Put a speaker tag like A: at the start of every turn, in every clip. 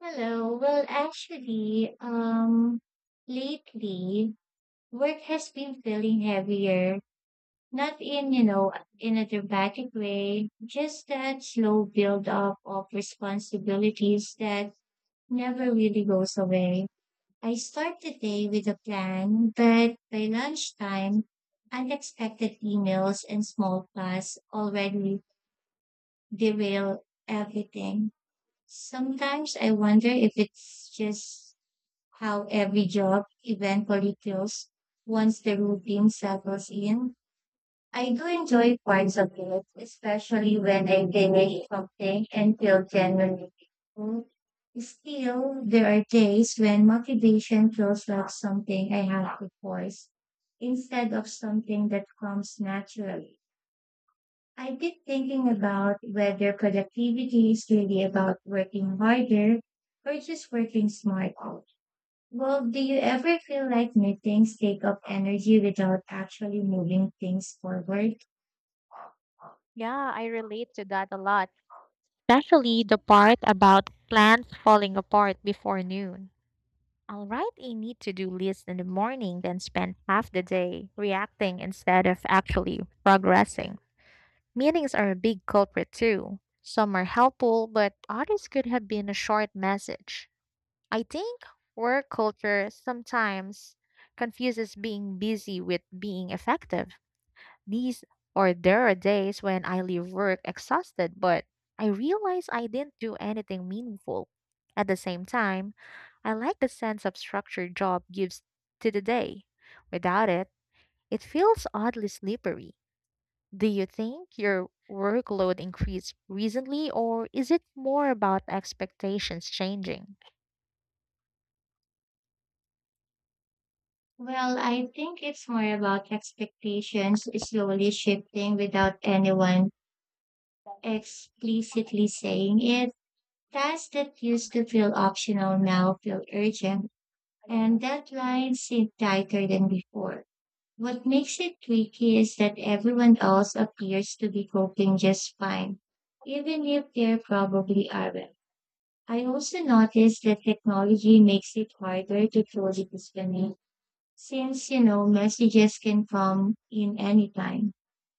A: Hello. Lately work has been feeling heavier. Not in a dramatic way, just that slow build up of responsibilities that never really goes away. I start the day with a plan, but by lunchtime, unexpected emails and small tasks already derail everything. Sometimes I wonder if it's just how every job eventually feels once the routine settles in. I do enjoy parts of it, especially when I finish something and feel genuinely grateful. Still, there are days when motivation feels like something I have to force instead of something that comes naturally. I've been thinking about whether productivity is really about working harder or just working smarter. Well, do you ever feel like meetings take up energy without actually moving things forward?
B: Yeah, I relate to that a lot, especially the part about plans falling apart before noon. I'll write a need to do list in the morning, then spend half the day reacting instead of actually progressing. Meetings are a big culprit too. Some are helpful, but others could have been a short message. I think work culture sometimes confuses being busy with being effective. These or there are days when I leave work exhausted, but I realize I didn't do anything meaningful. At the same time, I like the sense of structure job gives to the day. Without it, it feels oddly slippery. Do you think your workload increased recently, or is it more about expectations changing?
A: Well, I think it's more about expectations slowly shifting without anyone explicitly saying it. Tasks that used to feel optional now feel urgent, and deadlines seem tighter than before. What makes it tricky is that everyone else appears to be coping just fine, even if they probably aren't. I also noticed that technology makes it harder to truly disconnect since, you know, messages can come in anytime.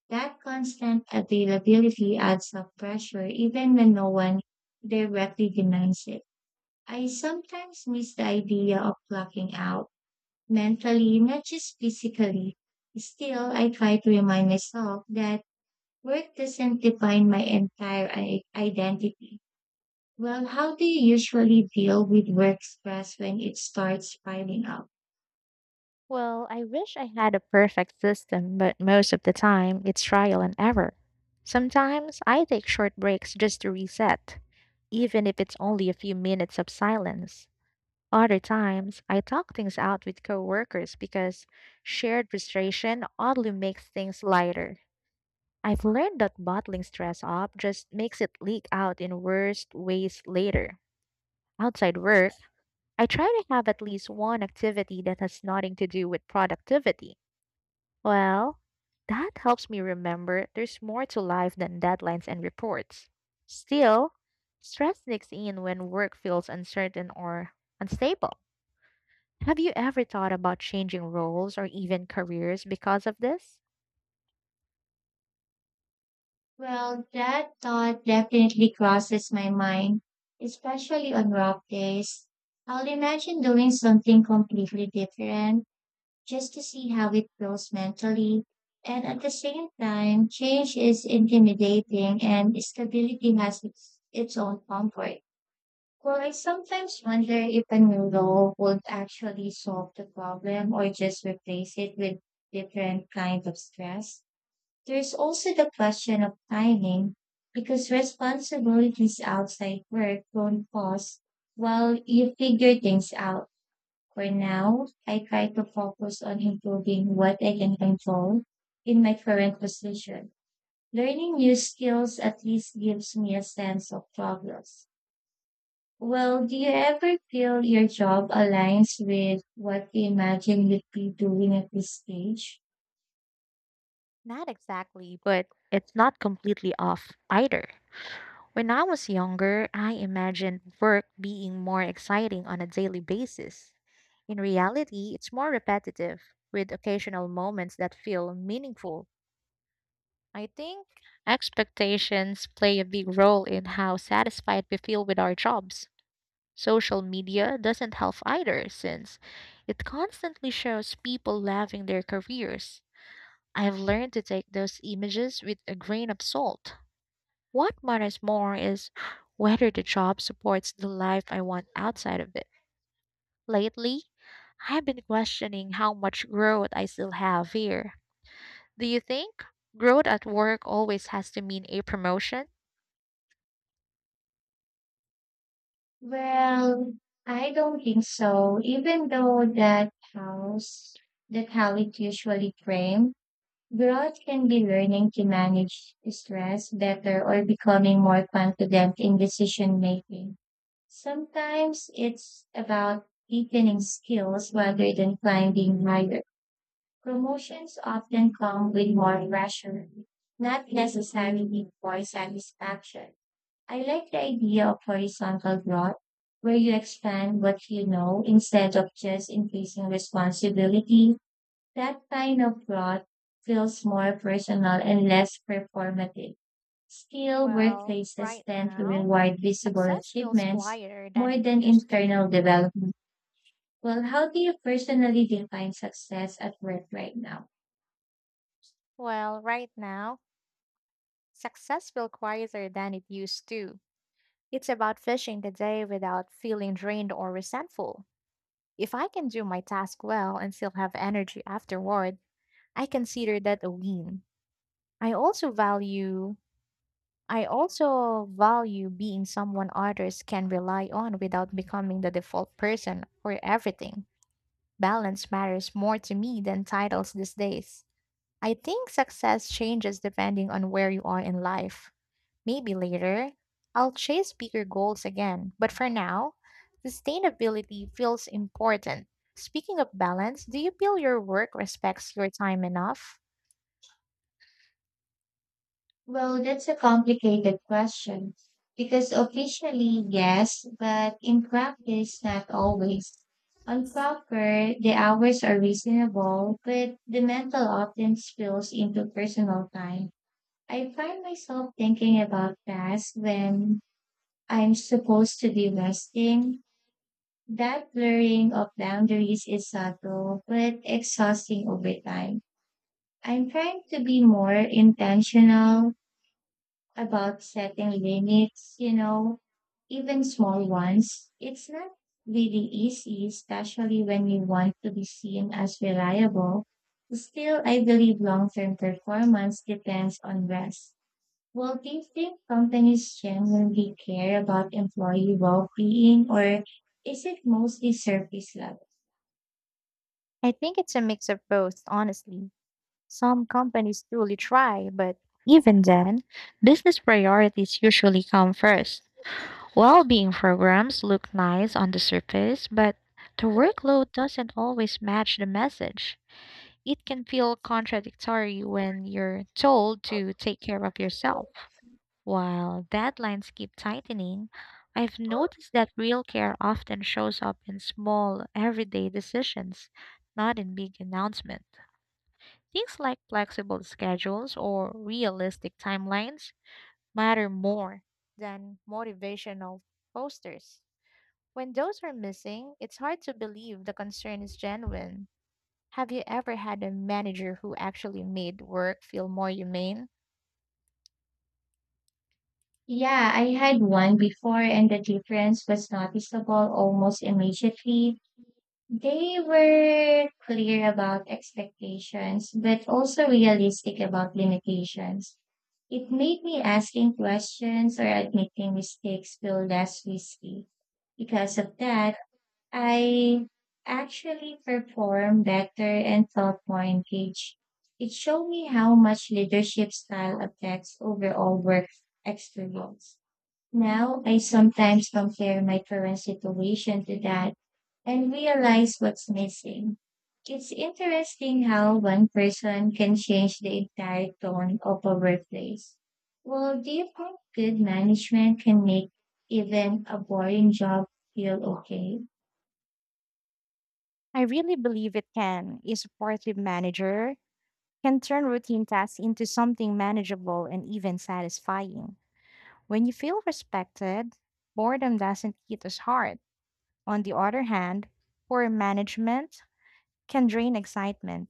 A: That constant availability adds up pressure even when no one directly demands it. I sometimes miss the idea of blocking out mentally, not just physically. Still, I try to remind myself that work doesn't define my entire identity. Well, how do you usually deal with work stress when it starts piling up?
B: Well, I wish I had a perfect system, but most of the time it's trial and error. Sometimes I take short breaks just to reset, even if it's only a few minutes of silence. Other times, I talk things out with coworkers because shared frustration oddly makes things lighter. I've learned that bottling stress up just makes it leak out in worst ways later. Outside work, I try to have at least one activity that has nothing to do with productivity well, that helps me remember there's more to life than deadlines and reports. Still, stress sneaks in when work feels uncertain or unstable. Have you ever thought about changing roles or even careers because of this?
A: Well, that thought definitely crosses my mind, especially on rough days. I'll imagine doing something completely different just to see how it feels mentally. And at the same time, change is intimidating and stability has its own comfort. Well, I sometimes wonder if a new law would actually solve the problem or just replace it with different kind of stress. There's also the question of timing because responsibilities outside work don't pause while you figure things out. For now, I try to focus on improving what I can control in my current position. Learning new skills at least gives me a sense of progress. Well, do you ever feel your job aligns with what you imagine you'd be doing at this stage?
B: Not exactly, but it's not completely off either. When I was younger, I imagined work being more exciting on a daily basis. In reality, it's more repetitive, with occasional moments that feel meaningful. I think expectations play a big role in how satisfied we feel with our jobs. Social media doesn't help either since it constantly shows people loving their careers. I've learned to take those images with a grain of salt. What matters more is whether the job supports the life I want outside of it. Lately, I've been questioning how much growth I still have here. Do you think growth at work always has to mean a promotion?
A: Well, I don't think so, even though that how it usually framed, growth can be learning to manage stress better or becoming more confident in decision making. Sometimes it's about deepening skills rather than climbing higher. Promotions often come with more pressure, not necessarily more satisfaction. I like the idea of horizontal growth, where you expand what you know instead of just increasing responsibility. That kind of growth feels more personal and less performative. Still,
B: Well,
A: workplaces
B: right
A: tend to
B: now,
A: reward visible
B: success feels
A: achievements
B: quieter than
A: more
B: it
A: than
B: used to.
A: internal development. Well, how do you personally define success at work right now?
B: Well, right now, success feels quieter than it used to. It's about finishing the day without feeling drained or resentful. If I can do my task well and still have energy afterward, I consider that a win. I also value I also value being someone others can rely on without becoming the default person for everything. Balance matters more to me than titles these days. I think success changes depending on where you are in life. Maybe later, I'll chase bigger goals again, but for now, sustainability feels important. Speaking of balance, do you feel your work respects your time enough?
A: Well, that's a complicated question because officially, yes, but in practice, not always. On paper, the hours are reasonable, but the mental often spills into personal time. I find myself thinking about tasks when I'm supposed to be resting. That blurring of boundaries is subtle, but exhausting over time. I'm trying to be more intentional about setting limits, you know, even small ones. It's not really easy, especially when you want to be seen as reliable. Still, I believe long term performance depends on rest. Well, do you think companies genuinely care about employee well being, or is it mostly surface level?
B: I think it's a mix of both, honestly. Some companies truly try, but even then, business priorities usually come first. Well being programs look nice on the surface, but the workload doesn't always match the message. It can feel contradictory when you're told to take care of yourself. While deadlines keep tightening, I've noticed that real care often shows up in small, everyday decisions, not in big announcements. Things like flexible schedules or realistic timelines matter more than motivational posters. When those are missing, it's hard to believe the concern is genuine. Have you ever had a manager who actually made work feel more humane?
A: Yeah, I had one before, and the difference was noticeable almost immediately. They were clear about expectations, but also realistic about limitations. It made me asking questions or admitting mistakes feel less risky. Because of that, I actually performed better and felt more engaged. It showed me how much leadership style affects overall work experience. Now, I sometimes compare my current situation to that and realize what's missing. It's interesting how one person can change the entire tone of a workplace. Well, do you think good management can make even a boring job feel okay?
B: I really believe it can. A supportive manager can turn routine tasks into something manageable and even satisfying. When you feel respected, boredom doesn't hit as hard. On the other hand, poor management can drain excitement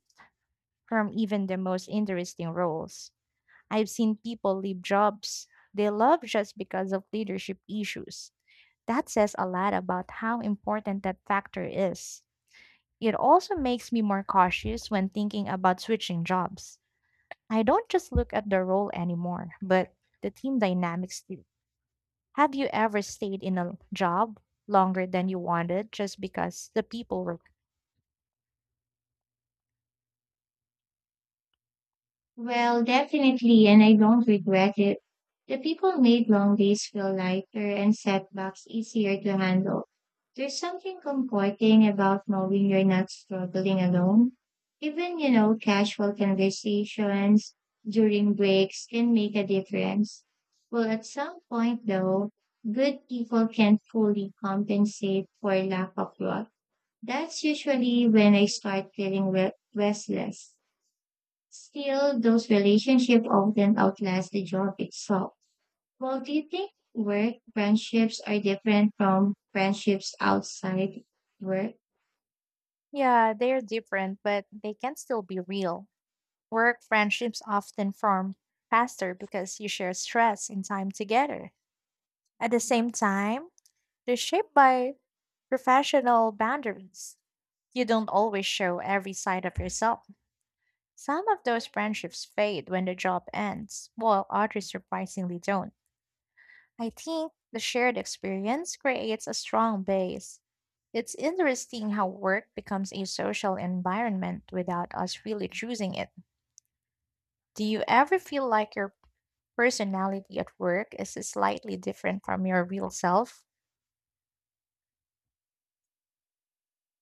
B: from even the most interesting roles. I've seen people leave jobs they love just because of leadership issues. That says a lot about how important that factor is. It also makes me more cautious when thinking about switching jobs. I don't just look at the role anymore, but the team dynamics too. Have you ever stayed in a job longer than you wanted just because the people were
A: Well, definitely, and I don't regret it. The people made long days feel lighter and setbacks easier to handle. There's something comforting about knowing you're not struggling alone. Even, you know, casual conversations during breaks can make a difference. Well, at some point, though, good people can't fully compensate for lack of love. That's usually when I start feeling restless. Still, those relationships often outlast the job itself. Well, do you think work friendships are different from friendships outside work?
B: Yeah, they're different, but they can still be real. Work friendships often form faster because you share stress and time together. At the same time, they're shaped by professional boundaries. You don't always show every side of yourself. Some of those friendships fade when the job ends, while others surprisingly don't. I think the shared experience creates a strong base. It's interesting how work becomes a social environment without us really choosing it. Do you ever feel like your personality at work is slightly different from your real self?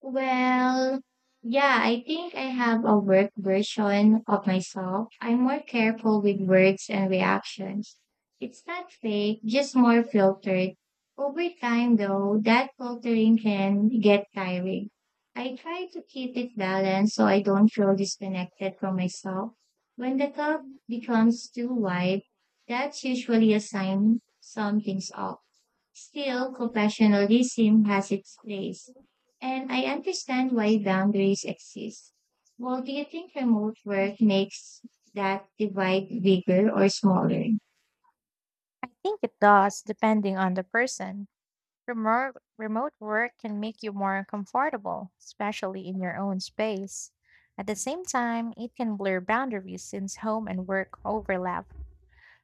A: Well, yeah, I think I have a work version of myself. I'm more careful with words and reactions. It's not fake, just more filtered. Over time, though, that filtering can get tiring. I try to keep it balanced so I don't feel disconnected from myself. When the cup becomes too wide, that's usually a sign something's off. Still, compassionalism has its place, and I understand why boundaries exist. Well, do you think remote work makes that divide bigger or smaller?
B: I think it does, depending on the person. Remote work can make you more comfortable, especially in your own space. At the same time, it can blur boundaries since home and work overlap.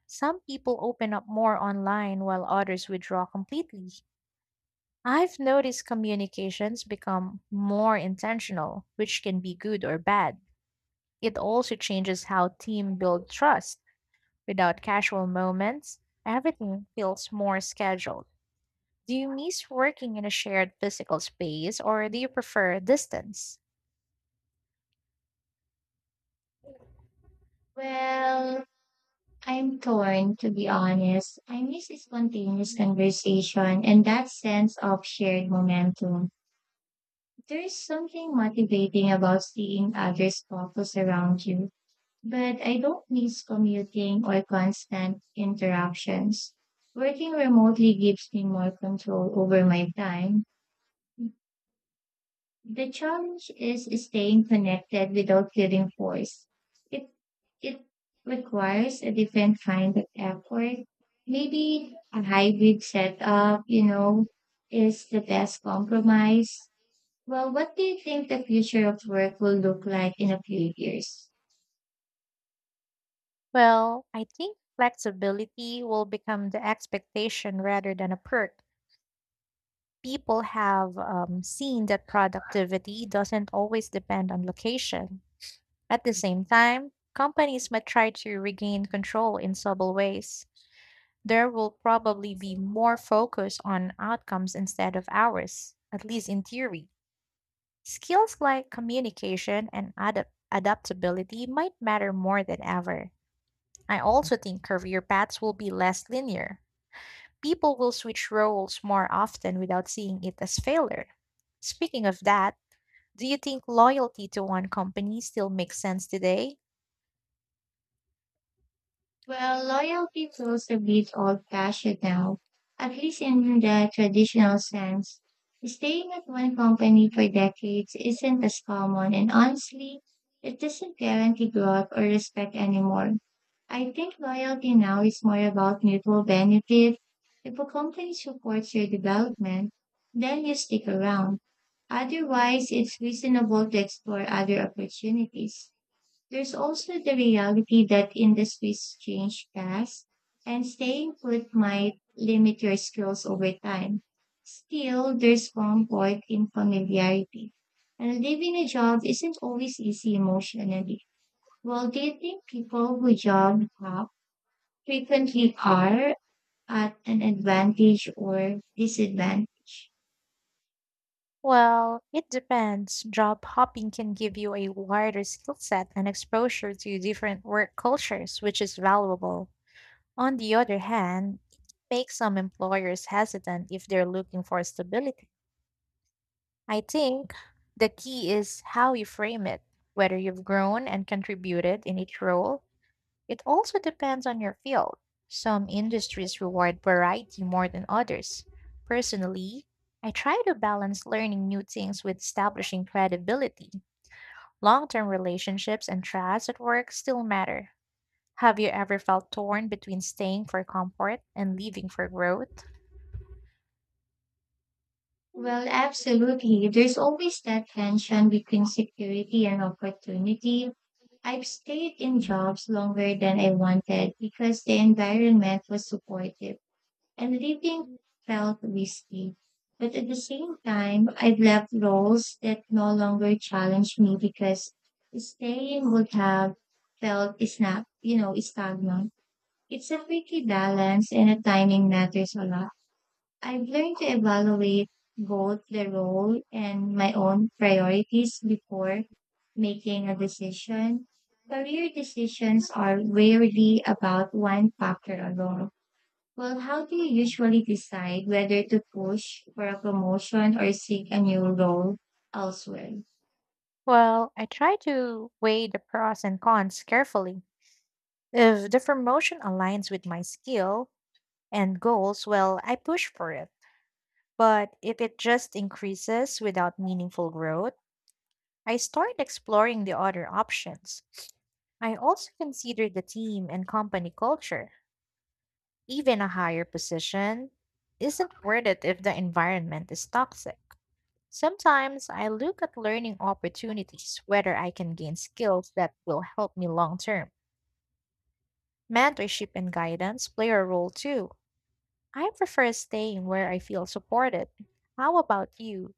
B: Some people open up more online while others withdraw completely. I've noticed communications become more intentional, which can be good or bad. It also changes how team build trust. Without casual moments, everything feels more scheduled. Do you miss working in a shared physical space or do you prefer distance?
A: Well, I'm torn, to be honest. I miss the spontaneous conversation and that sense of shared momentum. There is something motivating about seeing others focus around you. But I don't miss commuting or constant interactions. Working remotely gives me more control over my time. The challenge is staying connected without feeling forced. It it requires a different kind of effort. Maybe a hybrid setup, you know, is the best compromise. Well, what do you think the future of work will look like in a few years?
B: Well, I think flexibility will become the expectation rather than a perk. People have seen that productivity doesn't always depend on location. At the same time, companies might try to regain control in subtle ways. There will probably be more focus on outcomes instead of hours, at least in theory. Skills like communication and adaptability might matter more than ever. I also think career paths will be less linear. People will switch roles more often without seeing it as failure. Speaking of that, do you think loyalty to one company still makes sense today?
A: Well, loyalty feels a bit old-fashioned now, at least in the traditional sense. Staying at one company for decades isn't as common, and honestly, it doesn't guarantee growth or respect anymore. I think loyalty now is more about mutual benefit. If a company supports your development, then you stick around. Otherwise, it's reasonable to explore other opportunities. There's also the reality that industries change fast and staying put might limit your skills over time. Still, there's comfort in familiarity. And leaving a job isn't always easy emotionally. Well, do you think people who job hop frequently are at an advantage or disadvantage?
B: Well, it depends. Job hopping can give you a wider skill set and exposure to different work cultures, which is valuable. On the other hand, it makes some employers hesitant if they're looking for stability. I think the key is how you frame it, whether you've grown and contributed in each role. It also depends on your field. Some industries reward variety more than others. Personally, I try to balance learning new things with establishing credibility. Long term relationships and trust at work still matter. Have you ever felt torn between staying for comfort and leaving for growth?
A: Well, absolutely. There's always that tension between security and opportunity. I've stayed in jobs longer than I wanted because the environment was supportive and leaving felt risky. But at the same time, I've left roles that no longer challenge me because staying would have felt snap, you know, stagnant. It's a tricky balance and the timing matters a lot. I've learned to evaluate both the role and my own priorities before making a decision. Career decisions are rarely about one factor alone. Well, how do you usually decide whether to push for a promotion or seek a new role elsewhere?
B: Well, I try to weigh the pros and cons carefully. If the promotion aligns with my skill and goals, well, I push for it. But if it just increases without meaningful growth, I start exploring the other options. I also consider the team and company culture. Even a higher position isn't worth it if the environment is toxic. Sometimes I look at learning opportunities, whether I can gain skills that will help me long term. Mentorship and guidance play a role too. I prefer staying where I feel supported. How about you?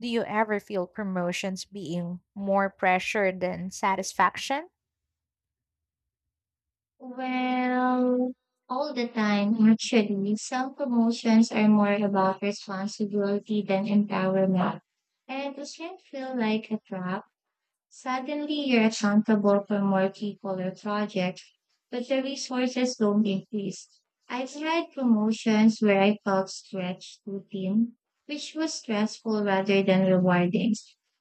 B: Do you ever feel promotions being more pressure than satisfaction?
A: Well, all the time, actually, some promotions are more about responsibility than empowerment. And does not feel like a trap? Suddenly, you're accountable for more people or projects, but the resources don't increase. I've had promotions where I felt stretched too thin, which was stressful rather than rewarding.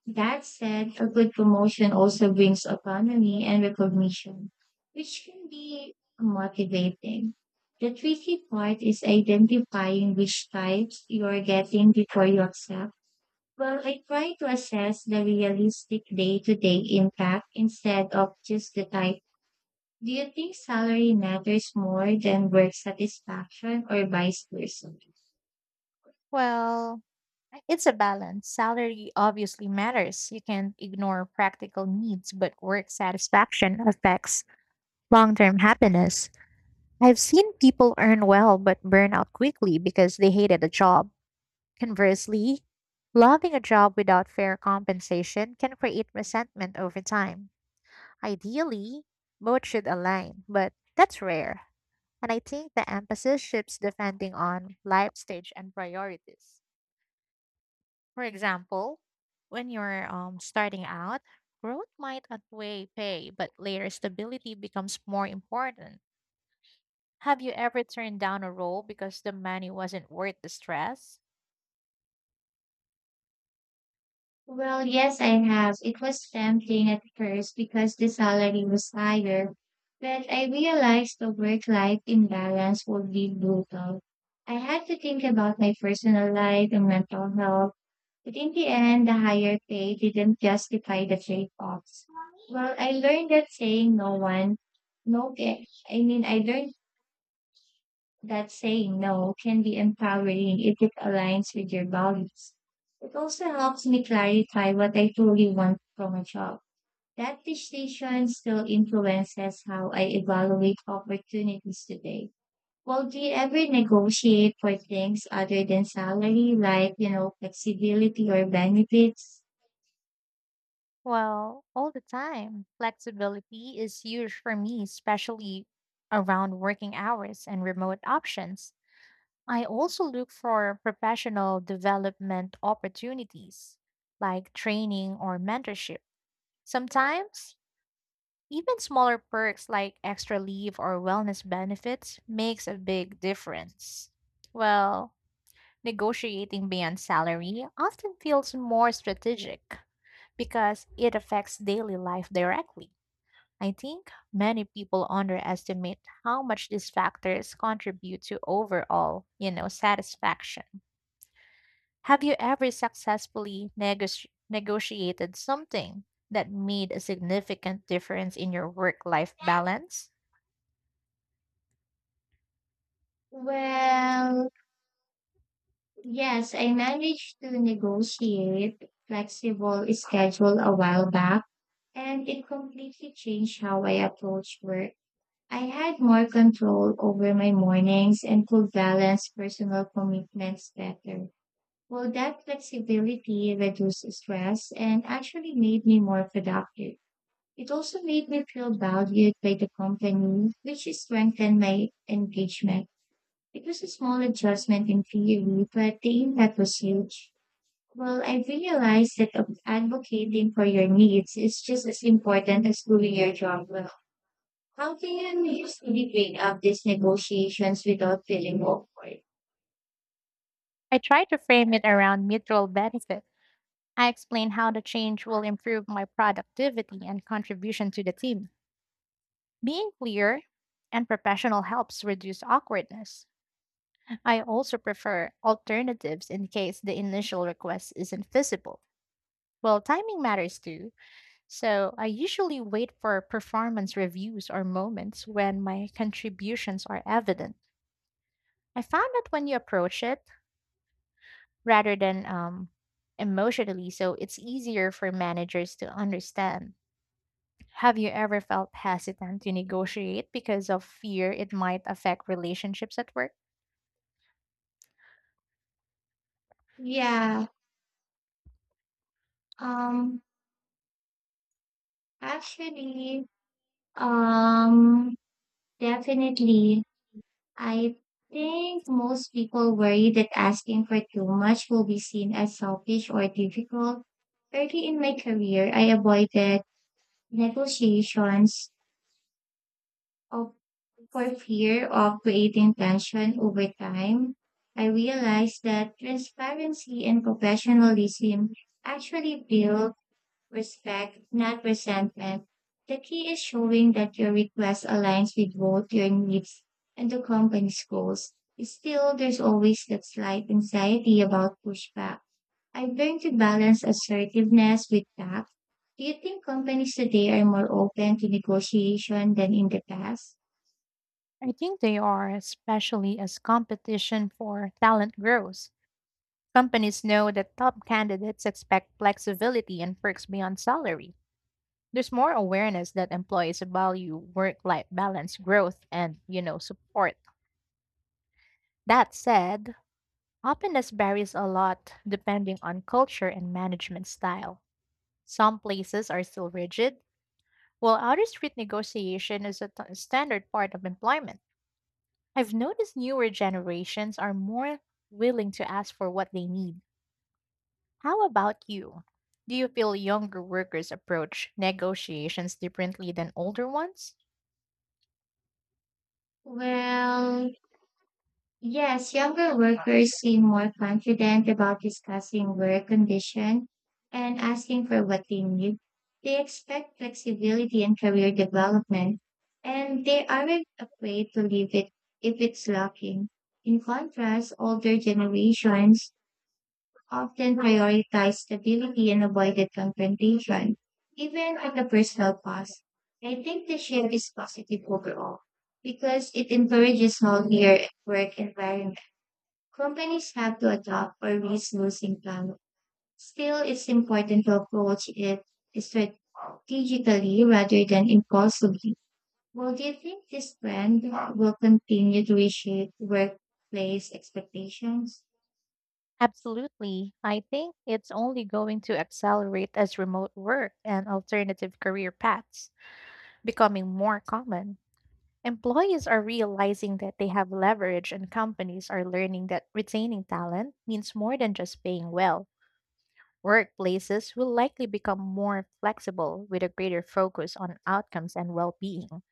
A: That said, a good promotion also brings autonomy and recognition, which can be motivating. The tricky part is identifying which types you're getting before you accept. Well, I try to assess the realistic day to day impact instead of just the type. Do you think salary matters more than work satisfaction or vice versa?
B: Well, it's a balance. Salary obviously matters. You can't ignore practical needs, but work satisfaction affects long term happiness. I've seen people earn well but burn out quickly because they hated a job. Conversely, loving a job without fair compensation can create resentment over time. Ideally, both should align, but that's rare. And I think the emphasis shifts depending on life stage and priorities. For example, when you're starting out, growth might outweigh pay, but later stability becomes more important. Have you ever turned down a role because the money wasn't worth the stress?
A: Well, yes, I have. It was tempting at first because the salary was higher, but I realized the work life imbalance would be brutal. I had to think about my personal life and mental health. But in the end, the higher pay didn't justify the trade-offs. Well, I learned that saying no one, no, ca- I mean, I learned that saying no can be empowering if it aligns with your values. It also helps me clarify what I truly want from a job. That decision still influences how I evaluate opportunities today. Well, do you ever negotiate for things other than salary, like, you know, flexibility or benefits?
B: Well, all the time. Flexibility is huge for me, especially around working hours and remote options. I also look for professional development opportunities like training or mentorship. Sometimes, even smaller perks like extra leave or wellness benefits makes a big difference. Well, negotiating beyond salary often feels more strategic because it affects daily life directly. I think many people underestimate how much these factors contribute to overall, satisfaction. Have you ever successfully negotiated something that made a significant difference in your work-life balance?
A: Well, yes, I managed to negotiate flexible schedule a while back, and it completely changed how I approach work. I had more control over my mornings and could balance personal commitments better. Well, that flexibility reduced stress and actually made me more productive. It also made me feel valued by the company, which strengthened my engagement. It was a small adjustment in theory, but the impact was huge. Well, I realized that advocating for your needs is just as important as doing your job well. How can you usually bring up these negotiations without feeling awkward?
B: I try to frame it around mutual benefit. I explain how the change will improve my productivity and contribution to the team. Being clear and professional helps reduce awkwardness. I also prefer alternatives in case the initial request isn't feasible. Well, timing matters too, so I usually wait for performance reviews or moments when my contributions are evident. I found that when you approach it rather than emotionally, so it's easier for managers to understand. Have you ever felt hesitant to negotiate because of fear it might affect relationships at work?
A: Yeah, um, actually, um, Definitely I think most people worry that asking for too much will be seen as selfish or difficult. Early in my career, I avoided negotiations of, for fear of creating tension over time. I realized that transparency and professionalism actually build respect, not resentment. The key is showing that your request aligns with both your needs and the company's goals. Still, there's always that slight anxiety about pushback. I've learned to balance assertiveness with tact. Do you think companies today are more open to negotiation than in the past?
B: I think they are, especially as competition for talent grows. Companies know that top candidates expect flexibility and perks beyond salary. There's more awareness that employees value work-life balance, growth, and, support. That said, openness varies a lot depending on culture and management style. Some places are still rigid, while out of street negotiation is a standard part of employment. I've noticed newer generations are more willing to ask for what they need. How about you? Do you feel younger workers approach negotiations differently than older ones?
A: Well, yes, younger workers seem more confident about discussing work condition and asking for what they need. They expect flexibility and career development, and they aren't afraid to leave it if it's lacking. In contrast, older generations often prioritize stability and avoided confrontation, even at the personal cost. I think the shift is positive overall because it encourages healthier work environments. Companies have to adapt or risk losing talent. Still, it's important to approach it strategically rather than impulsively. Well, do you think this trend will continue to reshape workplace expectations?
B: Absolutely. I think it's only going to accelerate as remote work and alternative career paths becoming more common. Employees are realizing that they have leverage, and companies are learning that retaining talent means more than just paying well. Workplaces will likely become more flexible with a greater focus on outcomes and well being.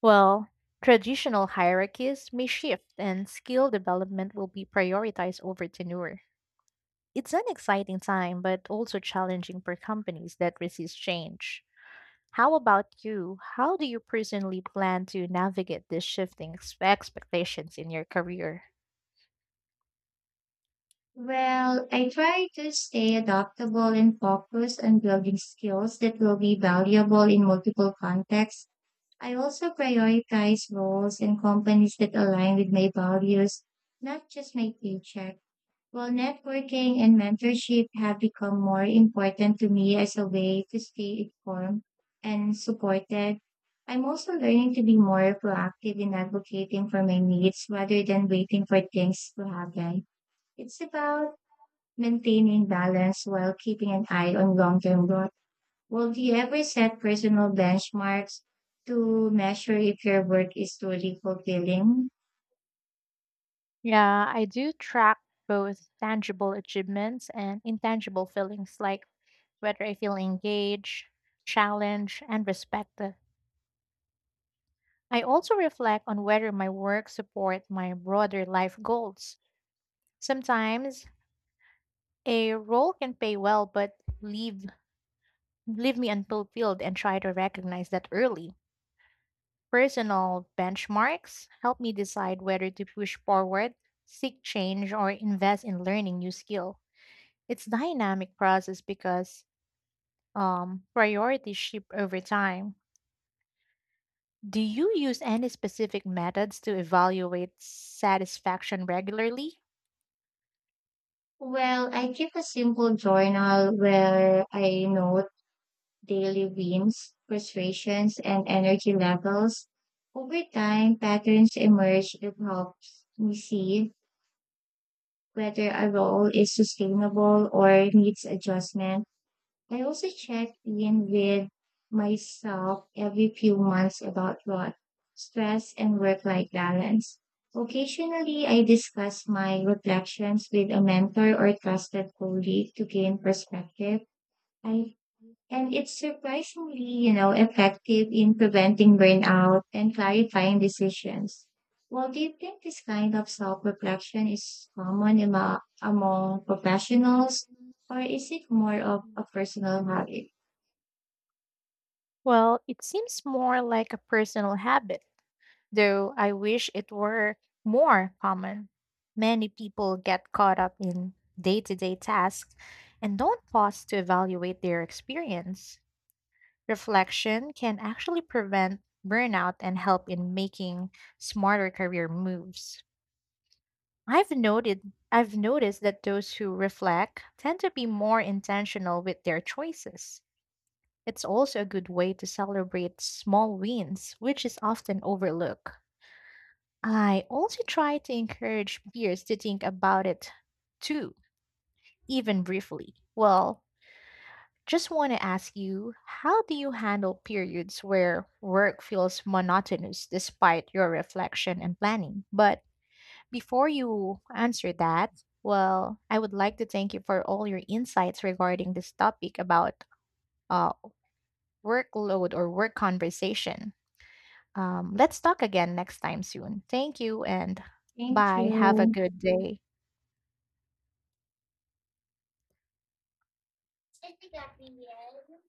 B: Well, traditional hierarchies may shift, and skill development will be prioritized over tenure. It's an exciting time, but also challenging for companies that resist change. How about you? How do you personally plan to navigate these shifting expectations in your career?
A: Well, I try to stay adaptable and focused on building skills that will be valuable in multiple contexts. I also prioritize roles and companies that align with my values, not just my paycheck. Well, networking and mentorship have become more important to me as a way to stay informed and supported. I'm also learning to be more proactive in advocating for my needs rather than waiting for things to happen. It's about maintaining balance while keeping an eye on long-term growth. Well, do you ever set personal benchmarks to measure if your work is truly fulfilling?
B: Yeah, I do track both tangible achievements and intangible feelings, like whether I feel engaged, challenged, and respected. I also reflect on whether my work support my broader life goals. Sometimes a role can pay well, but leave leave me unfulfilled and try to recognize that early. Personal benchmarks help me decide whether to push forward, seek change, or invest in learning new skill. It's dynamic process because priorities shift over time. Do you use any specific methods to evaluate satisfaction regularly?
A: Well, I keep a simple journal where I note daily whims, frustrations, and energy levels. Over time, patterns emerge that help me see whether a role is sustainable or needs adjustment. I also check in with myself every few months about what stress and work-life balance. Occasionally, I discuss my reflections with a mentor or trusted colleague to gain perspective. I and It's surprisingly, you know, effective in preventing burnout and clarifying decisions. Well, do you think this kind of self-reflection is common among professionals, or is it more of a personal habit?
B: Well, it seems more like a personal habit, though I wish it were more common. Many people get caught up in day to day tasks and don't pause to evaluate their experience. Reflection can actually prevent burnout and help in making smarter career moves. I've noticed that those who reflect tend to be more intentional with their choices. It's also a good way to celebrate small wins, which is often overlooked. I also try to encourage peers to think about it too, even briefly. Well, just want to ask you, how do you handle periods where work feels monotonous despite your reflection and planning? But before you answer that, well, I would like to thank you for all your insights regarding this topic about uh, workload or work conversation. Let's talk again next time soon. Thank you and
A: Thank
B: bye. Have a
A: you.
B: good day. Este Gabriel.